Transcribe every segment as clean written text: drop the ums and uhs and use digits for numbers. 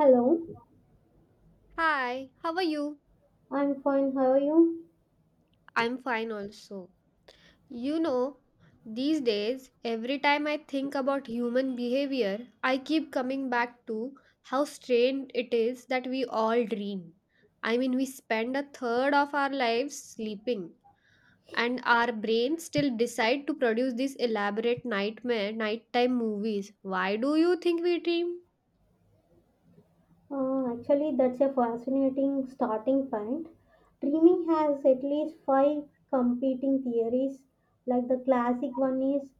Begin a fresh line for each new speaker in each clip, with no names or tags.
Hello,
Hi, how are you?
I'm fine. How are you?
I'm fine also. You know, these days, every time I think about human behavior, I keep coming back to how strange it is that we all dream. I mean, we spend a third of our lives sleeping, and our brains still decide to produce these elaborate nightmare, nighttime movies. Why do you think we dream?
Actually, that's a fascinating starting point. Dreaming has at least five competing theories. Like the classic one is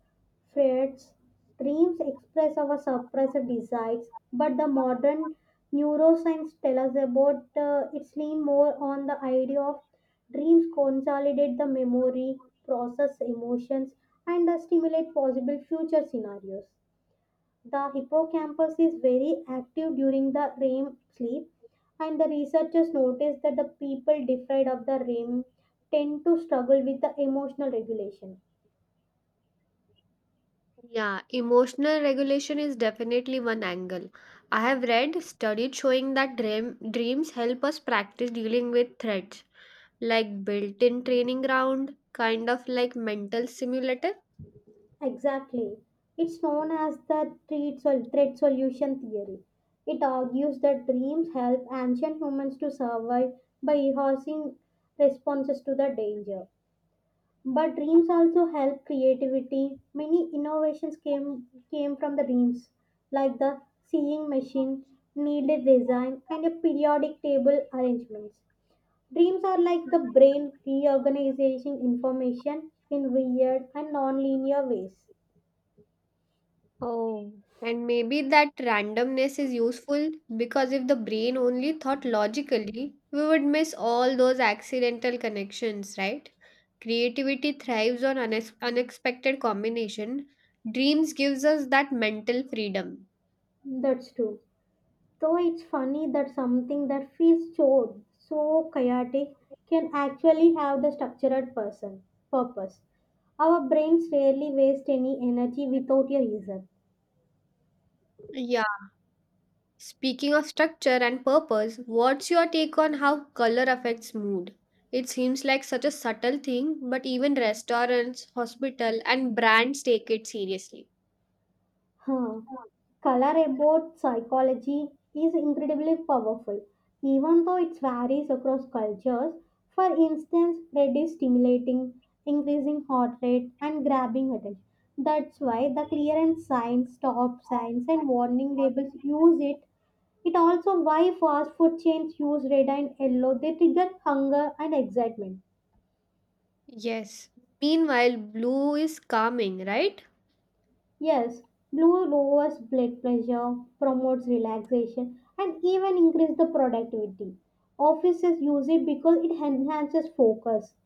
Freud's dreams express our suppressed desires, but the modern neuroscience tell us about it's lean more on the idea of dreams consolidate the memory, process emotions, and stimulate possible future scenarios. The hippocampus is very active during the REM sleep, and the researchers noticed that the people deprived of the REM tend to struggle with the emotional regulation.
Yeah, emotional regulation is definitely one angle. I have read studies showing that dreams help us practice dealing with threats, like built in training ground, kind of like mental simulator.
Exactly. It's known as the threat solution theory. It argues that dreams help ancient humans to survive by rehearsing responses to the danger. But dreams also help creativity. Many innovations came from the dreams, like the sewing machine, needle design, and a periodic table arrangements. Dreams are like the brain reorganizing information in weird and non-linear ways.
Oh, and maybe that randomness is useful because if the brain only thought logically, we would miss all those accidental connections, right? Creativity thrives on unexpected combination. Dreams gives us that mental freedom.
That's true. So it's funny that something that feels so chaotic can actually have the structured person purpose. Our brains rarely waste any energy without a reason.
Yeah. Speaking of structure and purpose, what's your take on how color affects mood? It seems like such a subtle thing, but even restaurants, hospital, and brands take it seriously.
Huh. Color about psychology is incredibly powerful, even though it varies across cultures. For instance, red is stimulating, increasing heart rate, and grabbing attention. That's why the clearance signs, stop signs, and warning labels use it. It also why fast food chains use red and yellow. They trigger hunger and excitement.
Yes. Meanwhile, blue is calming, right?
Yes, blue lowers blood pressure, promotes relaxation, and even increase the productivity. Offices use it because it enhances focus.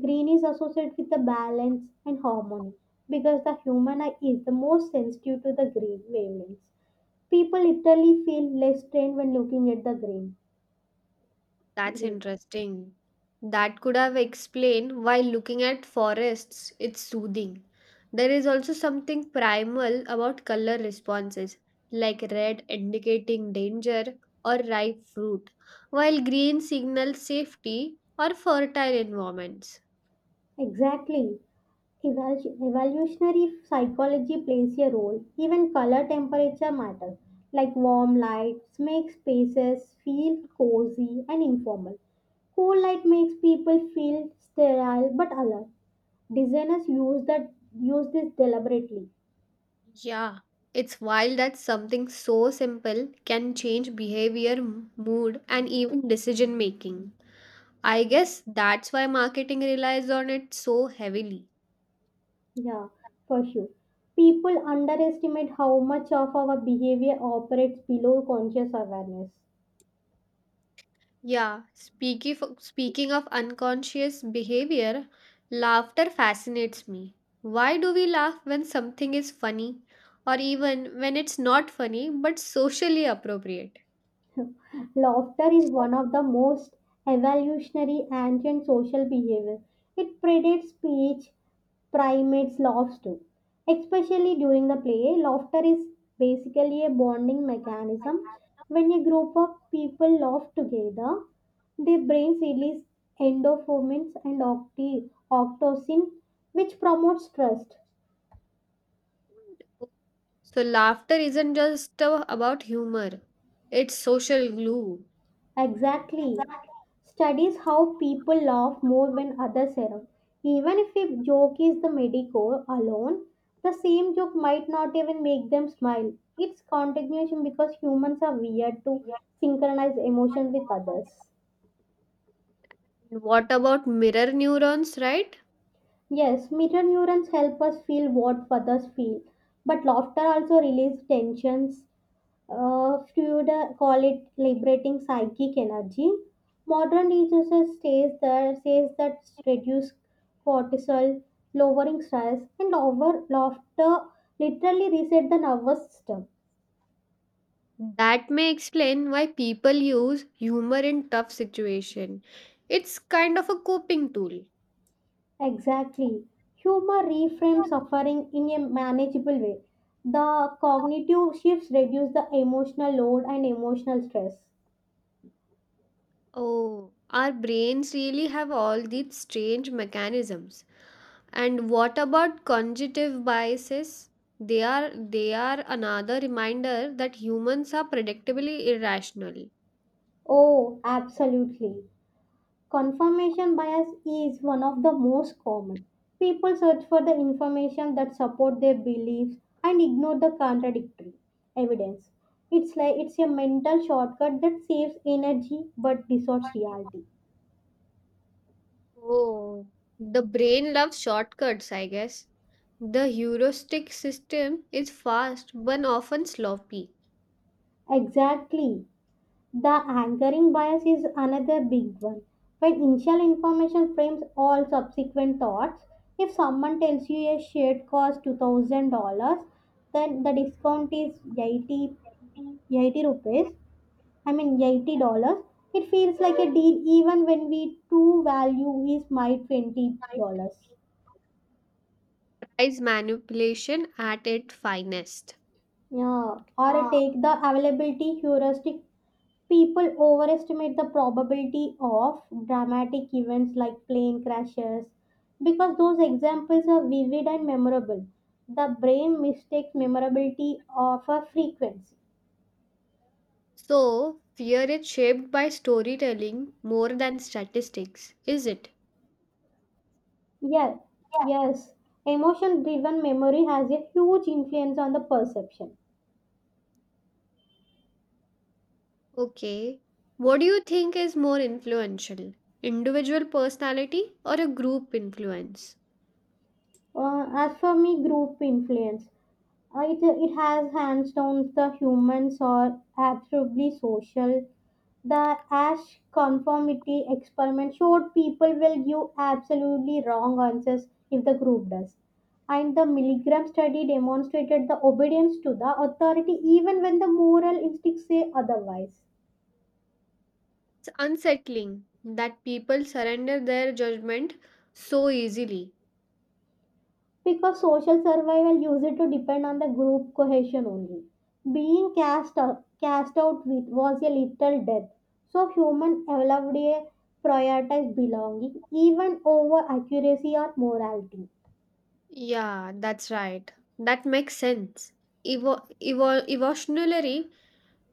Green is associated with the balance and harmony because the human eye is the most sensitive to the green wavelengths. People literally feel less strained when looking at the green.
That's
Green.
interesting. That could have explained why looking at forests it's soothing. There is also something primal about color responses, like red indicating danger or ripe fruit, while green signals safety or fertile environments.
Exactly. Evolutionary psychology plays a role. Even color temperature matters, like warm lights make spaces feel cozy and informal. Cool light makes people feel sterile but alert. Designers use this deliberately.
Yeah, it's wild that something so simple can change behavior, mood, and even decision making. I guess that's why marketing relies on it so heavily.
Yeah, for sure. People underestimate how much of our behavior operates below conscious awareness.
Yeah, speaking of unconscious behavior, laughter fascinates me. Why do we laugh when something is funny or even when it's not funny but socially appropriate?
Laughter is one of the most evolutionary ancient social behavior. It predates speech, primates laughs too. Especially during the play, laughter is basically a bonding mechanism. When a group of people laugh together, their brains release endorphins and oxytocin, which promotes trust.
So, laughter isn't just about humor, it's social glue.
Exactly. Studies how people laugh more when others err. Even if a joke is the medico alone, the same joke might not even make them smile. It's continuation because humans are weird to synchronize emotion with others.
And what about mirror neurons, right?
Yes, mirror neurons help us feel what others feel, but laughter also releases tensions. Freud call it liberating psychic energy. Modern research says that reduce cortisol, lowering stress, and over laughter literally reset the nervous system.
That may explain why people use humor in tough situation. It's kind of a coping tool.
Exactly, humor reframes suffering in a manageable way. The cognitive shifts reduce the emotional load and emotional stress.
Oh, our brains really have all these strange mechanisms. And what about cognitive biases? They are another reminder that humans are predictably irrational.
Oh, absolutely. Confirmation bias is one of the most common. People search for the information that support their beliefs and ignore the contradictory evidence. It's a mental shortcut that saves energy but distorts reality.
Oh, the brain loves shortcuts, I guess. The heuristic system is fast but often sloppy.
Exactly. The anchoring bias is another big one. When initial information frames all subsequent thoughts, if someone tells you a shirt costs $2,000, then the discount is 80 rupees. I mean $80, it feels like a deal even when we true value is my $20.
Price manipulation at its finest.
Yeah, or I take the availability heuristic. People overestimate the probability of dramatic events like plane crashes because those examples are vivid and memorable. The brain mistakes memorability of a frequency.
So, fear is shaped by storytelling more than statistics, is it?
Yes, yes. Emotion driven memory has a huge influence on the perception.
Okay. What do you think is more influential? Individual personality or a group influence?
As for me, group influence. It has hands down the humans are absolutely social. The Ash conformity experiment showed people will give absolutely wrong answers if the group does. And the Milligram study demonstrated the obedience to the authority even when the moral instincts say otherwise.
It's unsettling that people surrender their judgment so easily.
Because social survival used to depend on the group cohesion only. Being cast out with was a little death. So human evolved a prioritized belonging even over accuracy or morality.
Yeah, that's right. That makes sense. Evolutionarily,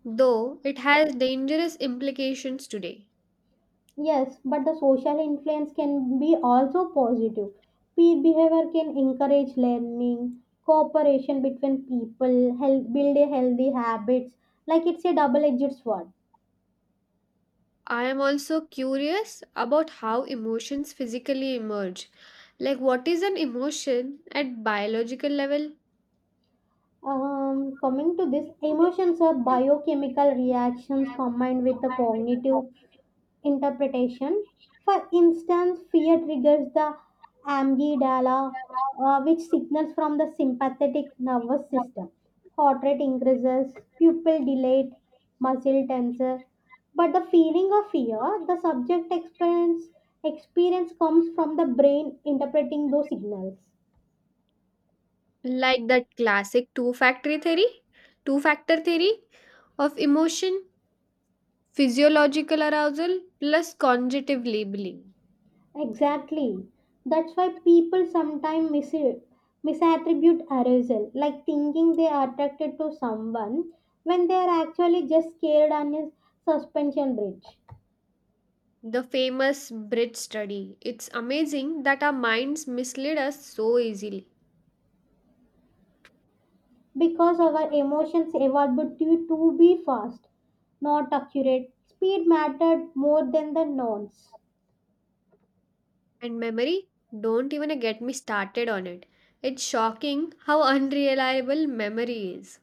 though, it has dangerous implications today.
Yes, but the social influence can be also positive. Peer behavior can encourage learning, cooperation between people, help build a healthy habits. Like it's a double-edged sword.
I am also curious about how emotions physically emerge. Like, what is an emotion at biological level?
Coming to this,
According to this,
emotions are
chemical
biochemical reactions
reaction
combined with the
combined with the
cognitive
cognitive
interpretation.
interpretation
For instance,
since it
fear
is
triggers the
evidence that currently
amygdala,
there are
which signals from the sympathetic nervous
logic
system.
signals
Heart rate
and the sympathetic nervous
increases,
system.
pupil
Cognitive results
dilate, muscle
regulates muscle
tenses.
tension.
But the
For
feeling of
the feeling of
fear,
fear, the concept is
experience comes from the brain interpreting those signals.
currently like that classic two factor theory of emotion. Physiological arousal plus cognitive labeling.
Exactly. That's why people sometimes misattribute arousal, like thinking they are attracted to someone when they are actually just scared on a suspension bridge.
The famous Brit study. It's amazing that our minds mislead us so easily.
Because our emotions evolved to be fast, not accurate. Speed mattered more than the nouns.
And memory? Don't even get me started on it. It's shocking how unreliable memory is.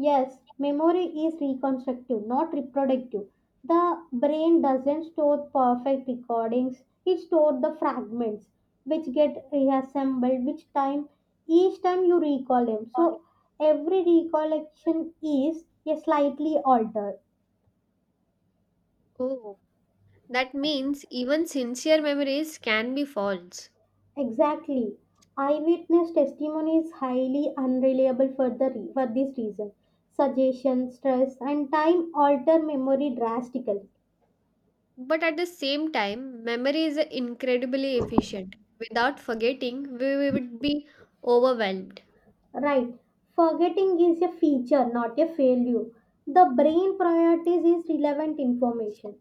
Yes, memory is reconstructive, not reproductive. The brain doesn't store perfect recordings, it stores the fragments which get reassembled which time each time you recall them. So every recollection is a slightly altered.
Oh, that means even sincere memories can be false.
Exactly. Eyewitness testimony is highly unreliable for the for this reason. Suggestion, stress, and time alter memory drastically.
But at the same time, memory is incredibly efficient. Without forgetting, we would be overwhelmed.
Right. Forgetting is a feature, not a failure. The brain priorities is relevant information.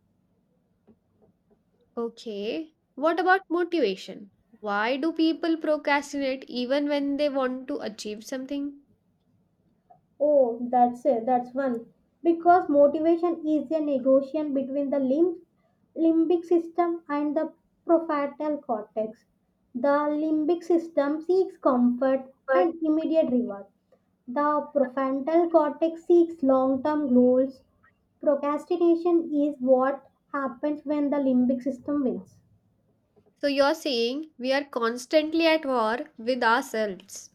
Okay. What about motivation? Why do people procrastinate even when they want to achieve something?
Oh, that's it. That's one. Because motivation is a negotiation between the limbic system and the prefrontal cortex. The limbic system seeks comfort
But
and immediate reward. The prefrontal cortex seeks long-term goals. Procrastination is what happens when the limbic system wins.
so you're saying we are constantly at war with ourselves.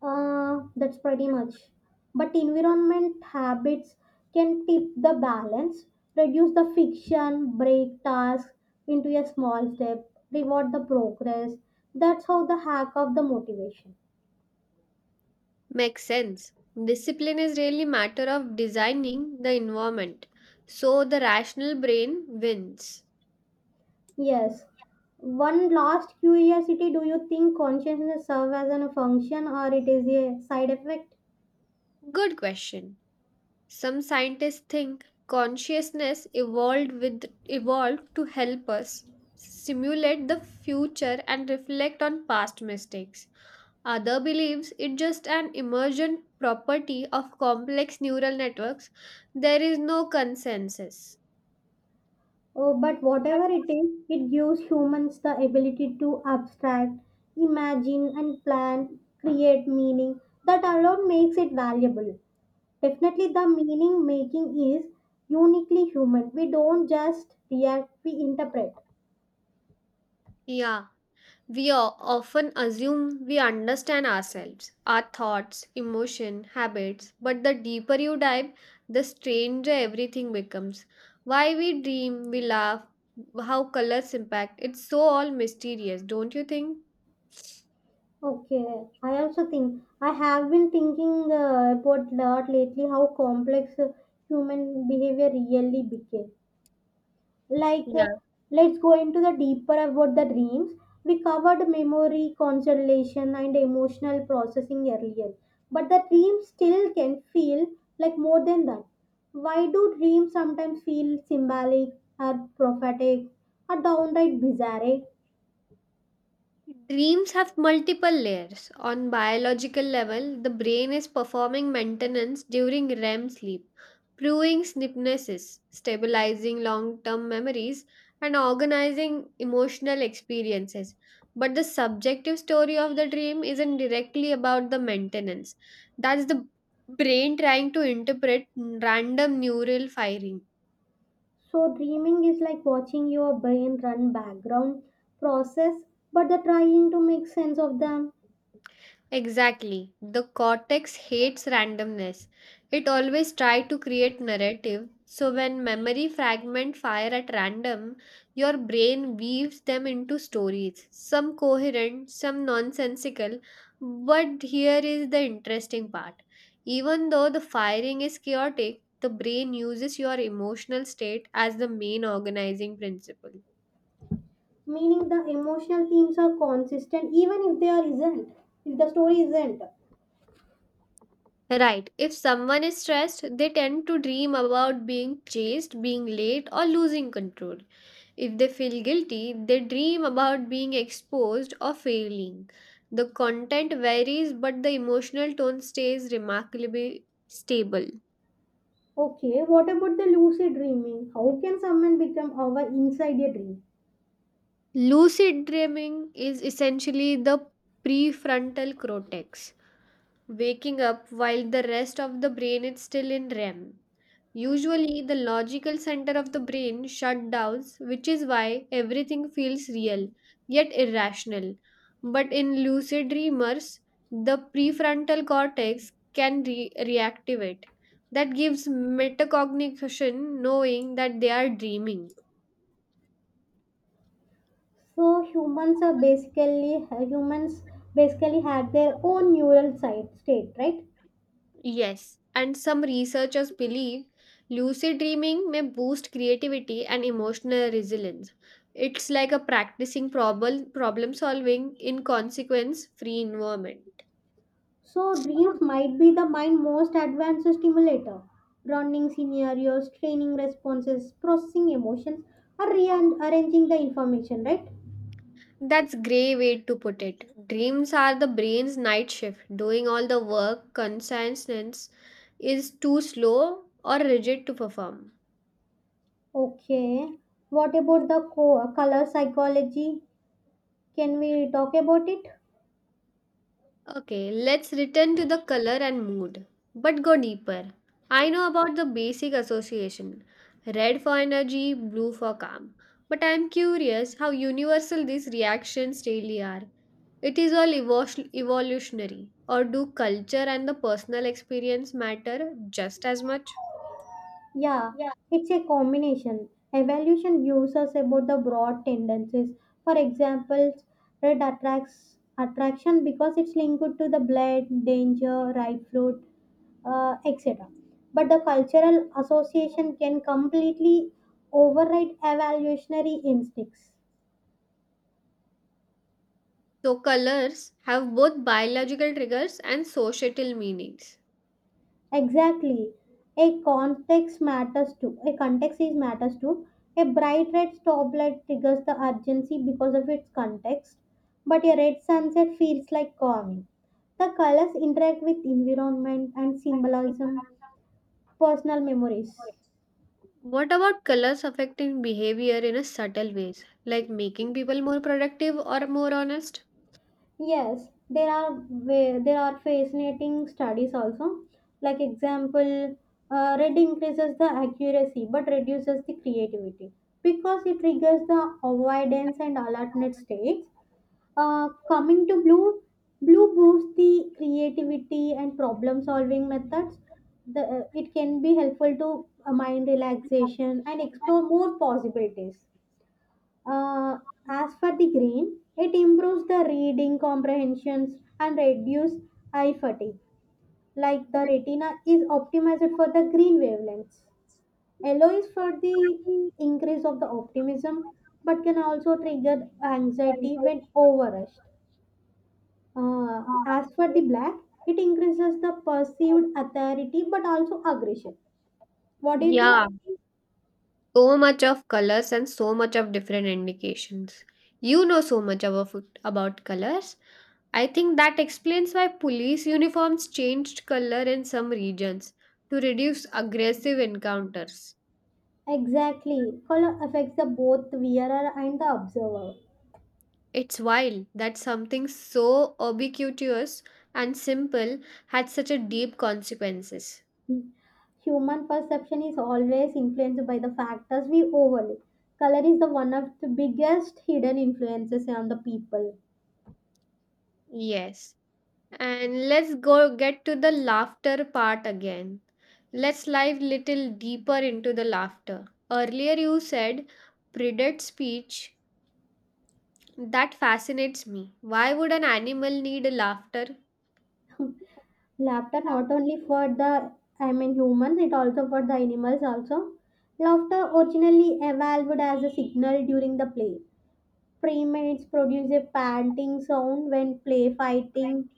That's pretty much. But environment habits can tip the balance, reduce the friction, break tasks into a small step, reward the progress. That's how the hack of the motivation.
Makes sense. Discipline is really matter of designing the environment. So the rational brain wins.
Yes. One last curiosity, do you think consciousness serves as a function or it is a side effect?
Good question. Some scientists think consciousness evolved with evolved to help us simulate the future and reflect on past mistakes. Other believes it just an emergent property of complex neural networks. There is no consensus.
Oh, but whatever it is, it gives humans the ability to abstract, imagine, and plan, create meaning. That alone makes it valuable. Definitely, the meaning making is uniquely human. We don't just react, we interpret.
Yeah. We often assume we understand ourselves, our thoughts, emotion, habits, but the deeper you dive, the stranger everything becomes. Why we dream, we laugh, how colors impact, it's so all mysterious, don't you think?
Okay, I also think I have been thinking about lot lately how complex human behavior really became. Like, uh,
Yeah.
let's go into the deeper about the dreams. We covered memory, concentration, and emotional processing earlier, but the dreams still can feel like more than that. Why do dreams sometimes feel symbolic or prophetic or downright bizarre?
Dreams have multiple layers. On biological level, the brain is performing maintenance during REM sleep, proving synapses, stabilizing long-term memories, and organizing emotional experiences. But the subjective story of the dream isn't directly about the maintenance. That's the brain trying to interpret random neural firing.
So, dreaming is like watching your brain run background process, but the trying to make sense of them.
Exactly. The cortex hates randomness. It always tries to create narrative. So when memory fragment fire at random, your brain weaves them into stories, some coherent, some nonsensical. But here is the interesting part. Even though the firing is chaotic, the brain uses your emotional state as the main organizing principle.
Meaning the emotional themes are consistent even if they are isn't if the story isn't.
Right. If someone is stressed, they tend to dream about being chased, being late, or losing control. If they feel guilty, they dream about being exposed or failing. The content varies, but the emotional tone stays remarkably stable.
Okay, what about the lucid dreaming? How can someone become aware inside a dream?
Lucid dreaming is essentially the prefrontal cortex waking up while the rest of the brain is still in REM. Usually, the logical center of the brain shut down, which is why everything feels real yet irrational. But in lucid dreamers, the prefrontal cortex can reactivate. That gives metacognition knowing that they are dreaming.
So humans basically had their own neural site state, right?
Yes, and some researchers believe lucid dreaming may boost creativity and emotional resilience. It's like a practicing problem solving in consequence free environment.
So dreams might be the mind most advanced stimulator running scenarios, training responses, processing emotions, or rearranging the information, right?
That's grey way to put it. Dreams are the brain's night shift. Doing all the work consciousness is too slow or rigid to perform.
Okay. What about the color psychology? Can we talk about it?
Okay, let's return to the color and mood, but go deeper. I know about the basic association red for energy, blue for calm. But I am curious how universal these reactions really are. It is all evolutionary, or do culture and the personal experience matter just as much?
Yeah,
Yeah,
it's a combination. Evolution gives us about the broad tendencies. For example, red attracts attraction because it's linked to the blood, danger, ripe fruit, etc. But the cultural association can completely override evolutionary instincts.
so colors have both biological triggers and societal meanings.
Exactly. A context matters too. A bright red stop light triggers the urgency because of its context, but a red sunset feels like calming. The colors interact with environment and symbolism, personal memories.
What about colors affecting behavior in a subtle ways, like making people more productive or more honest?
Yes, there are fascinating studies also. Like example, red increases the accuracy but reduces the creativity because it triggers the avoidance and alertness states. Coming to blue, blue boosts the creativity and problem solving methods. It can be helpful to mind relaxation and explore more possibilities. Uh, as for the green, it improves the reading comprehensions and reduce eye fatigue. Like the retina is optimized for the green wavelengths. Yellow is for the increase of the optimism, but can also trigger anxiety when overrushed. As for the black, it increases the perceived authority but also aggression. What do you
Yeah,
think?
so much of colors and so much of different indications. You know so much about colors. I think that explains why police uniforms changed color in some regions to reduce aggressive encounters.
Exactly. Color affects the both wearer and the observer.
It's wild that something so ubiquitous and simple had such a deep consequences.
Human perception is always influenced by the factors we overlook. Color is the one of the biggest hidden influences on the people.
Yes. And let's go get to the laughter part again. Let's dive little deeper into the laughter. Earlier you said predate speech. That fascinates me. Why would an animal need a laughter?
Laughter not only for the, I mean, humans, it also for the animals also. Laughter originally evolved as a signal during the play. Primates produce a panting sound when play fighting.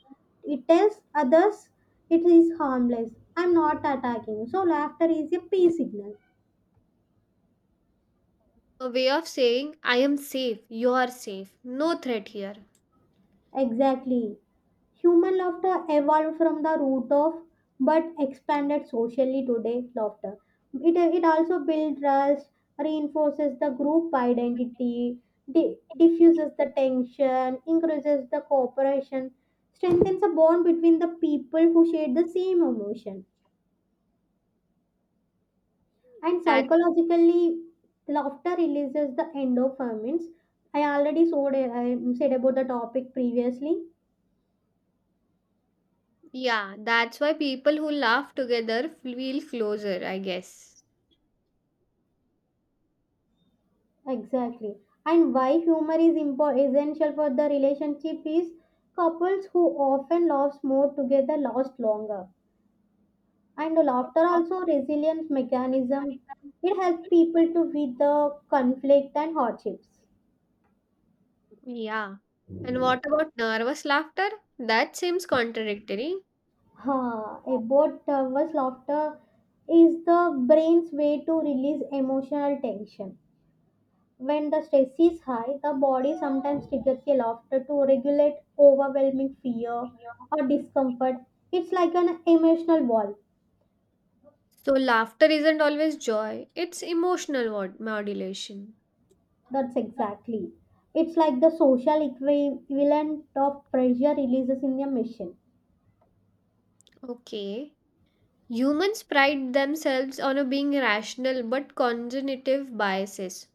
It tells others it is harmless. I'm not attacking. So laughter is a peace signal.
A way of saying I am safe, you are safe, no threat here.
Exactly. Human laughter evolved from the root of but expanded socially today laughter. It also builds trust, reinforces the group identity, diffuses the tension, increases the cooperation, strengthens the bond between the people who share the same emotion. And
That's
psychologically, laughter releases the endorphins. I said about the topic previously.
Yeah, that's why people who laugh together feel closer, I guess.
Exactly. And why humor is essential for the relationship is couples who often laugh more together last longer. And the laughter also resilience mechanism. It helps people to with the conflict and hardships.
Yeah. And what about nervous laughter? That seems contradictory.
Ha! About nervous laughter is the brain's way to release emotional tension. When the stress is high, the body sometimes triggers a laughter to regulate overwhelming fear or discomfort. It's like an emotional wall.
So, laughter isn't always joy, it's emotional modulation.
That's exactly. It's like the social equivalent of pressure releases in a machine.
Okay. Humans pride themselves on a being rational but cognitive biases.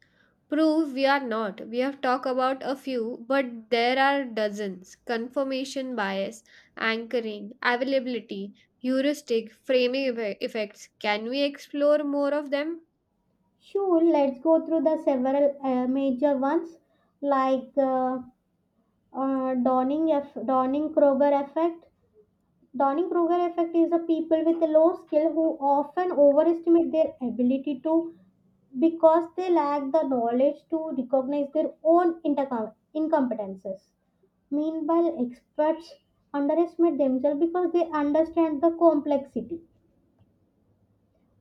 Prove we are not. We have talked about a few, but there are dozens. Confirmation bias, anchoring, availability, heuristic, effects. Can we explore more of them?
Sure, let's go through the several major ones like Donning Kroger effect. Donning Kroger effect is the people with low skill who often overestimate their ability to because they lack the knowledge to recognize their own incompetences. Meanwhile, experts underestimate themselves because they understand the complexity.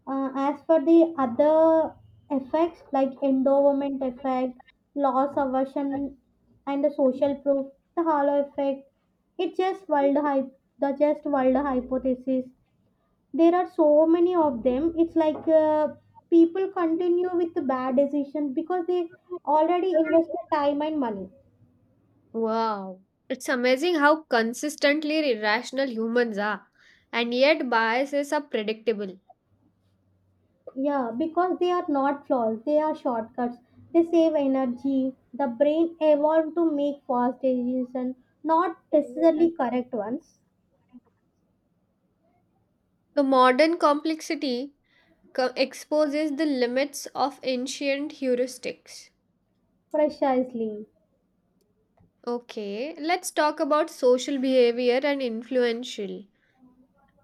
As for the other effects like endowment effect, loss aversion, and the social proof, the hollow effect, it's just wild hype, the just wild hypothesis there are so many of them. It's like people continue with the bad decisions because they already invested time and money.
Wow, it's amazing how consistently irrational humans are, and yet biases are predictable.
Yeah, because they are not flaws, they are shortcuts. They save energy. The brain evolved to make fast decisions, not necessarily correct ones.
The modern complexity exposes the limits of ancient heuristics.
Precisely.
Okay, let's talk about social behavior and influential.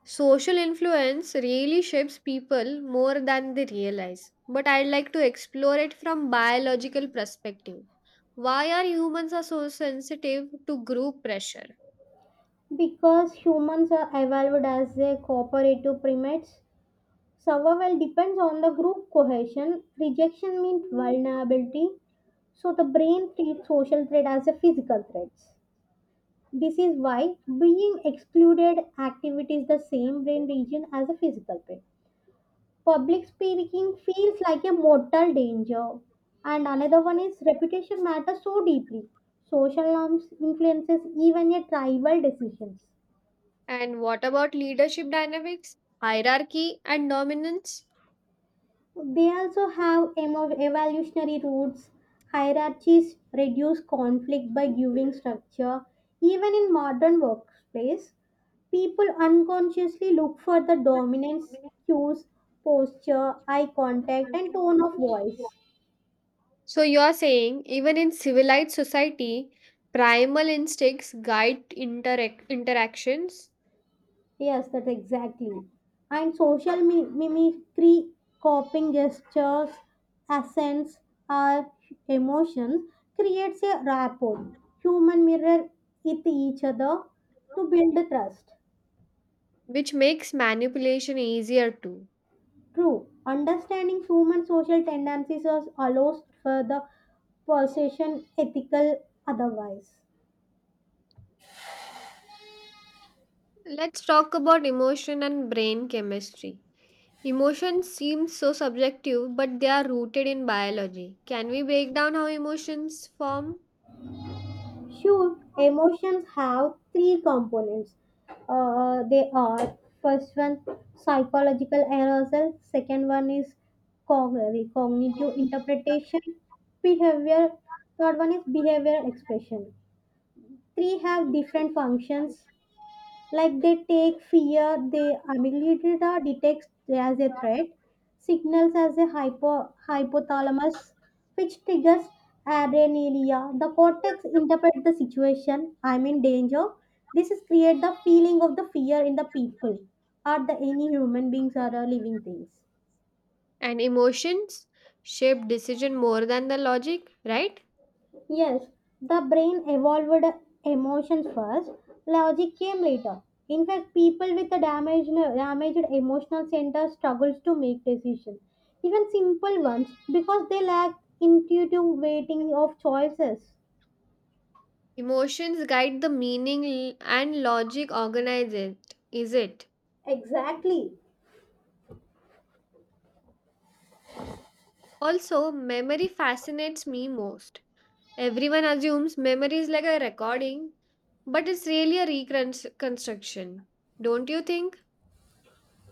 Social influence really shapes people more than they realize, but I'd like to explore it from biological perspective. Why are humans are so sensitive to group pressure?
Because humans are evolved as a cooperative primates, survival depends on the group cohesion. Rejection means vulnerability. So the brain treats social threat as a physical threats. This is why being excluded activates the same brain region as a physical threat. Public speaking feels like a mortal danger. And another one is reputation matters so deeply. Social norms influences even your tribal decisions.
And what about leadership dynamics, hierarchy and dominance?
They also have evolutionary roots. Hierarchies reduce conflict by giving structure. Even in modern workplace, people unconsciously look for the dominance cues, posture, eye contact, and tone of voice.
So you're saying even in civilized society, primal instincts guide interactions?
Yes, that exactly. And social mimicry, copying gestures, accents, or emotions creates a rapport, human mirror with each other to build trust.
Which makes manipulation easier too.
True, understanding human social tendencies allows for the possession ethical otherwise.
Let's talk about emotion and brain chemistry. Emotions seem so subjective, but they are rooted in biology. Can we break down how emotions form?
Sure, emotions have three components. They are first one psychological arousal, second one is cognitive interpretation, behavior, third one is behavior expression. Three have different functions like they take fear they amygdala detects as a threat signals as a hypothalamus which triggers adrenalia the cortex interprets the situation I'm in danger this is create the feeling of the fear in the people are the any human beings or are living things.
And emotions shape decision more than the logic, right?
Yes, the brain evolved emotions first, logic came later. In fact, people with a damaged emotional center struggles to make decisions, even simple ones, because they lack intuitive weighting of choices.
Emotions guide the meaning and logic organize it. Is it?
Exactly.
Also, memory fascinates me most. Everyone assumes memory is like a recording, but it's really a reconstruction, don't you think?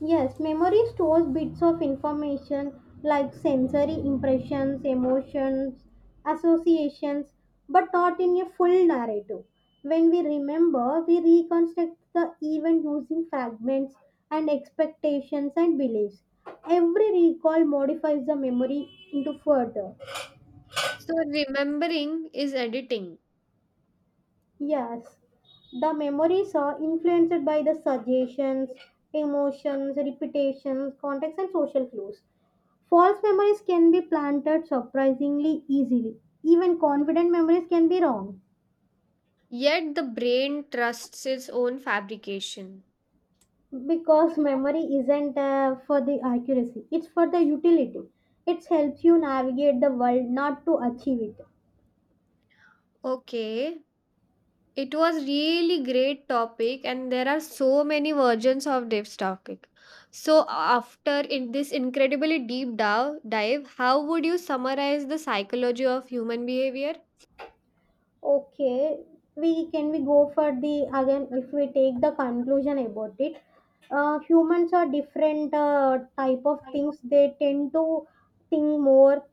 Yes, memory stores bits of information like sensory impressions, emotions, associations, but not in a full narrative. When we remember, we reconstruct the event using fragments and expectations and beliefs. Every recall modifies the memory into further.
So, remembering is editing,
Yes, the memories are influenced by the suggestions, emotions, repetitions, context, and social clues. False memories can be planted surprisingly easily. Even confident memories can be wrong
yet the brain trusts its own fabrication.
because memory isn't for the accuracy, it's for the utility. It helps you navigate the world, not to achieve it.
Okay, it was really great topic, and there are so many versions of this topic. So, after in this incredibly deep dive, how would you summarize the psychology of human behavior?
Okay, we go for the again if we take the conclusion about it. Humans are different type of things. They tend to think more,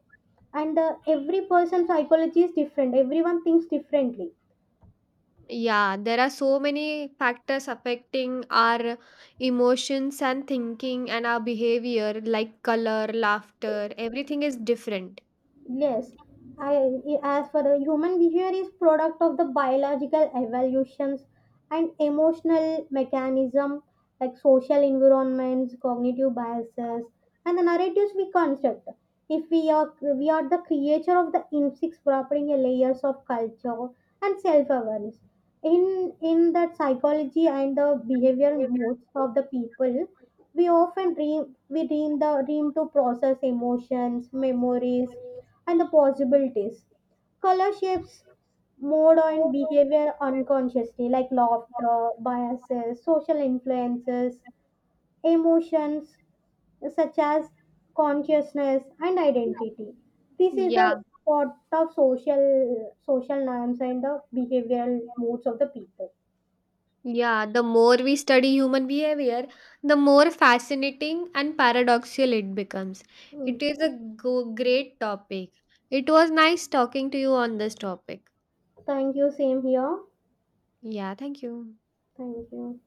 and every person's psychology is different. Everyone thinks differently.
Yeah, there are so many factors affecting our emotions and thinking and our behavior, like color, laughter, everything is different.
Yes, as for the human behavior is product of the biological evolutions and emotional mechanism like social environments, cognitive biases, and the narratives we construct. If we are the creature of the instincts property layers of culture and self-awareness. In that psychology and the behavior modes of the people, we dream the dream to process emotions, memories and the possibilities. Color shapes mode and behavior unconsciously, like laughter, biases, social influences, emotions such as consciousness and identity. This is
Yeah,
the part of social norms and the behavioral moods of the people.
yeah. The more we study human behavior, the more fascinating and paradoxical it becomes. It
Mm.
is a great topic. It was nice talking to you on this topic.
Thank you. Same here.
Yeah, thank you.
Thank you.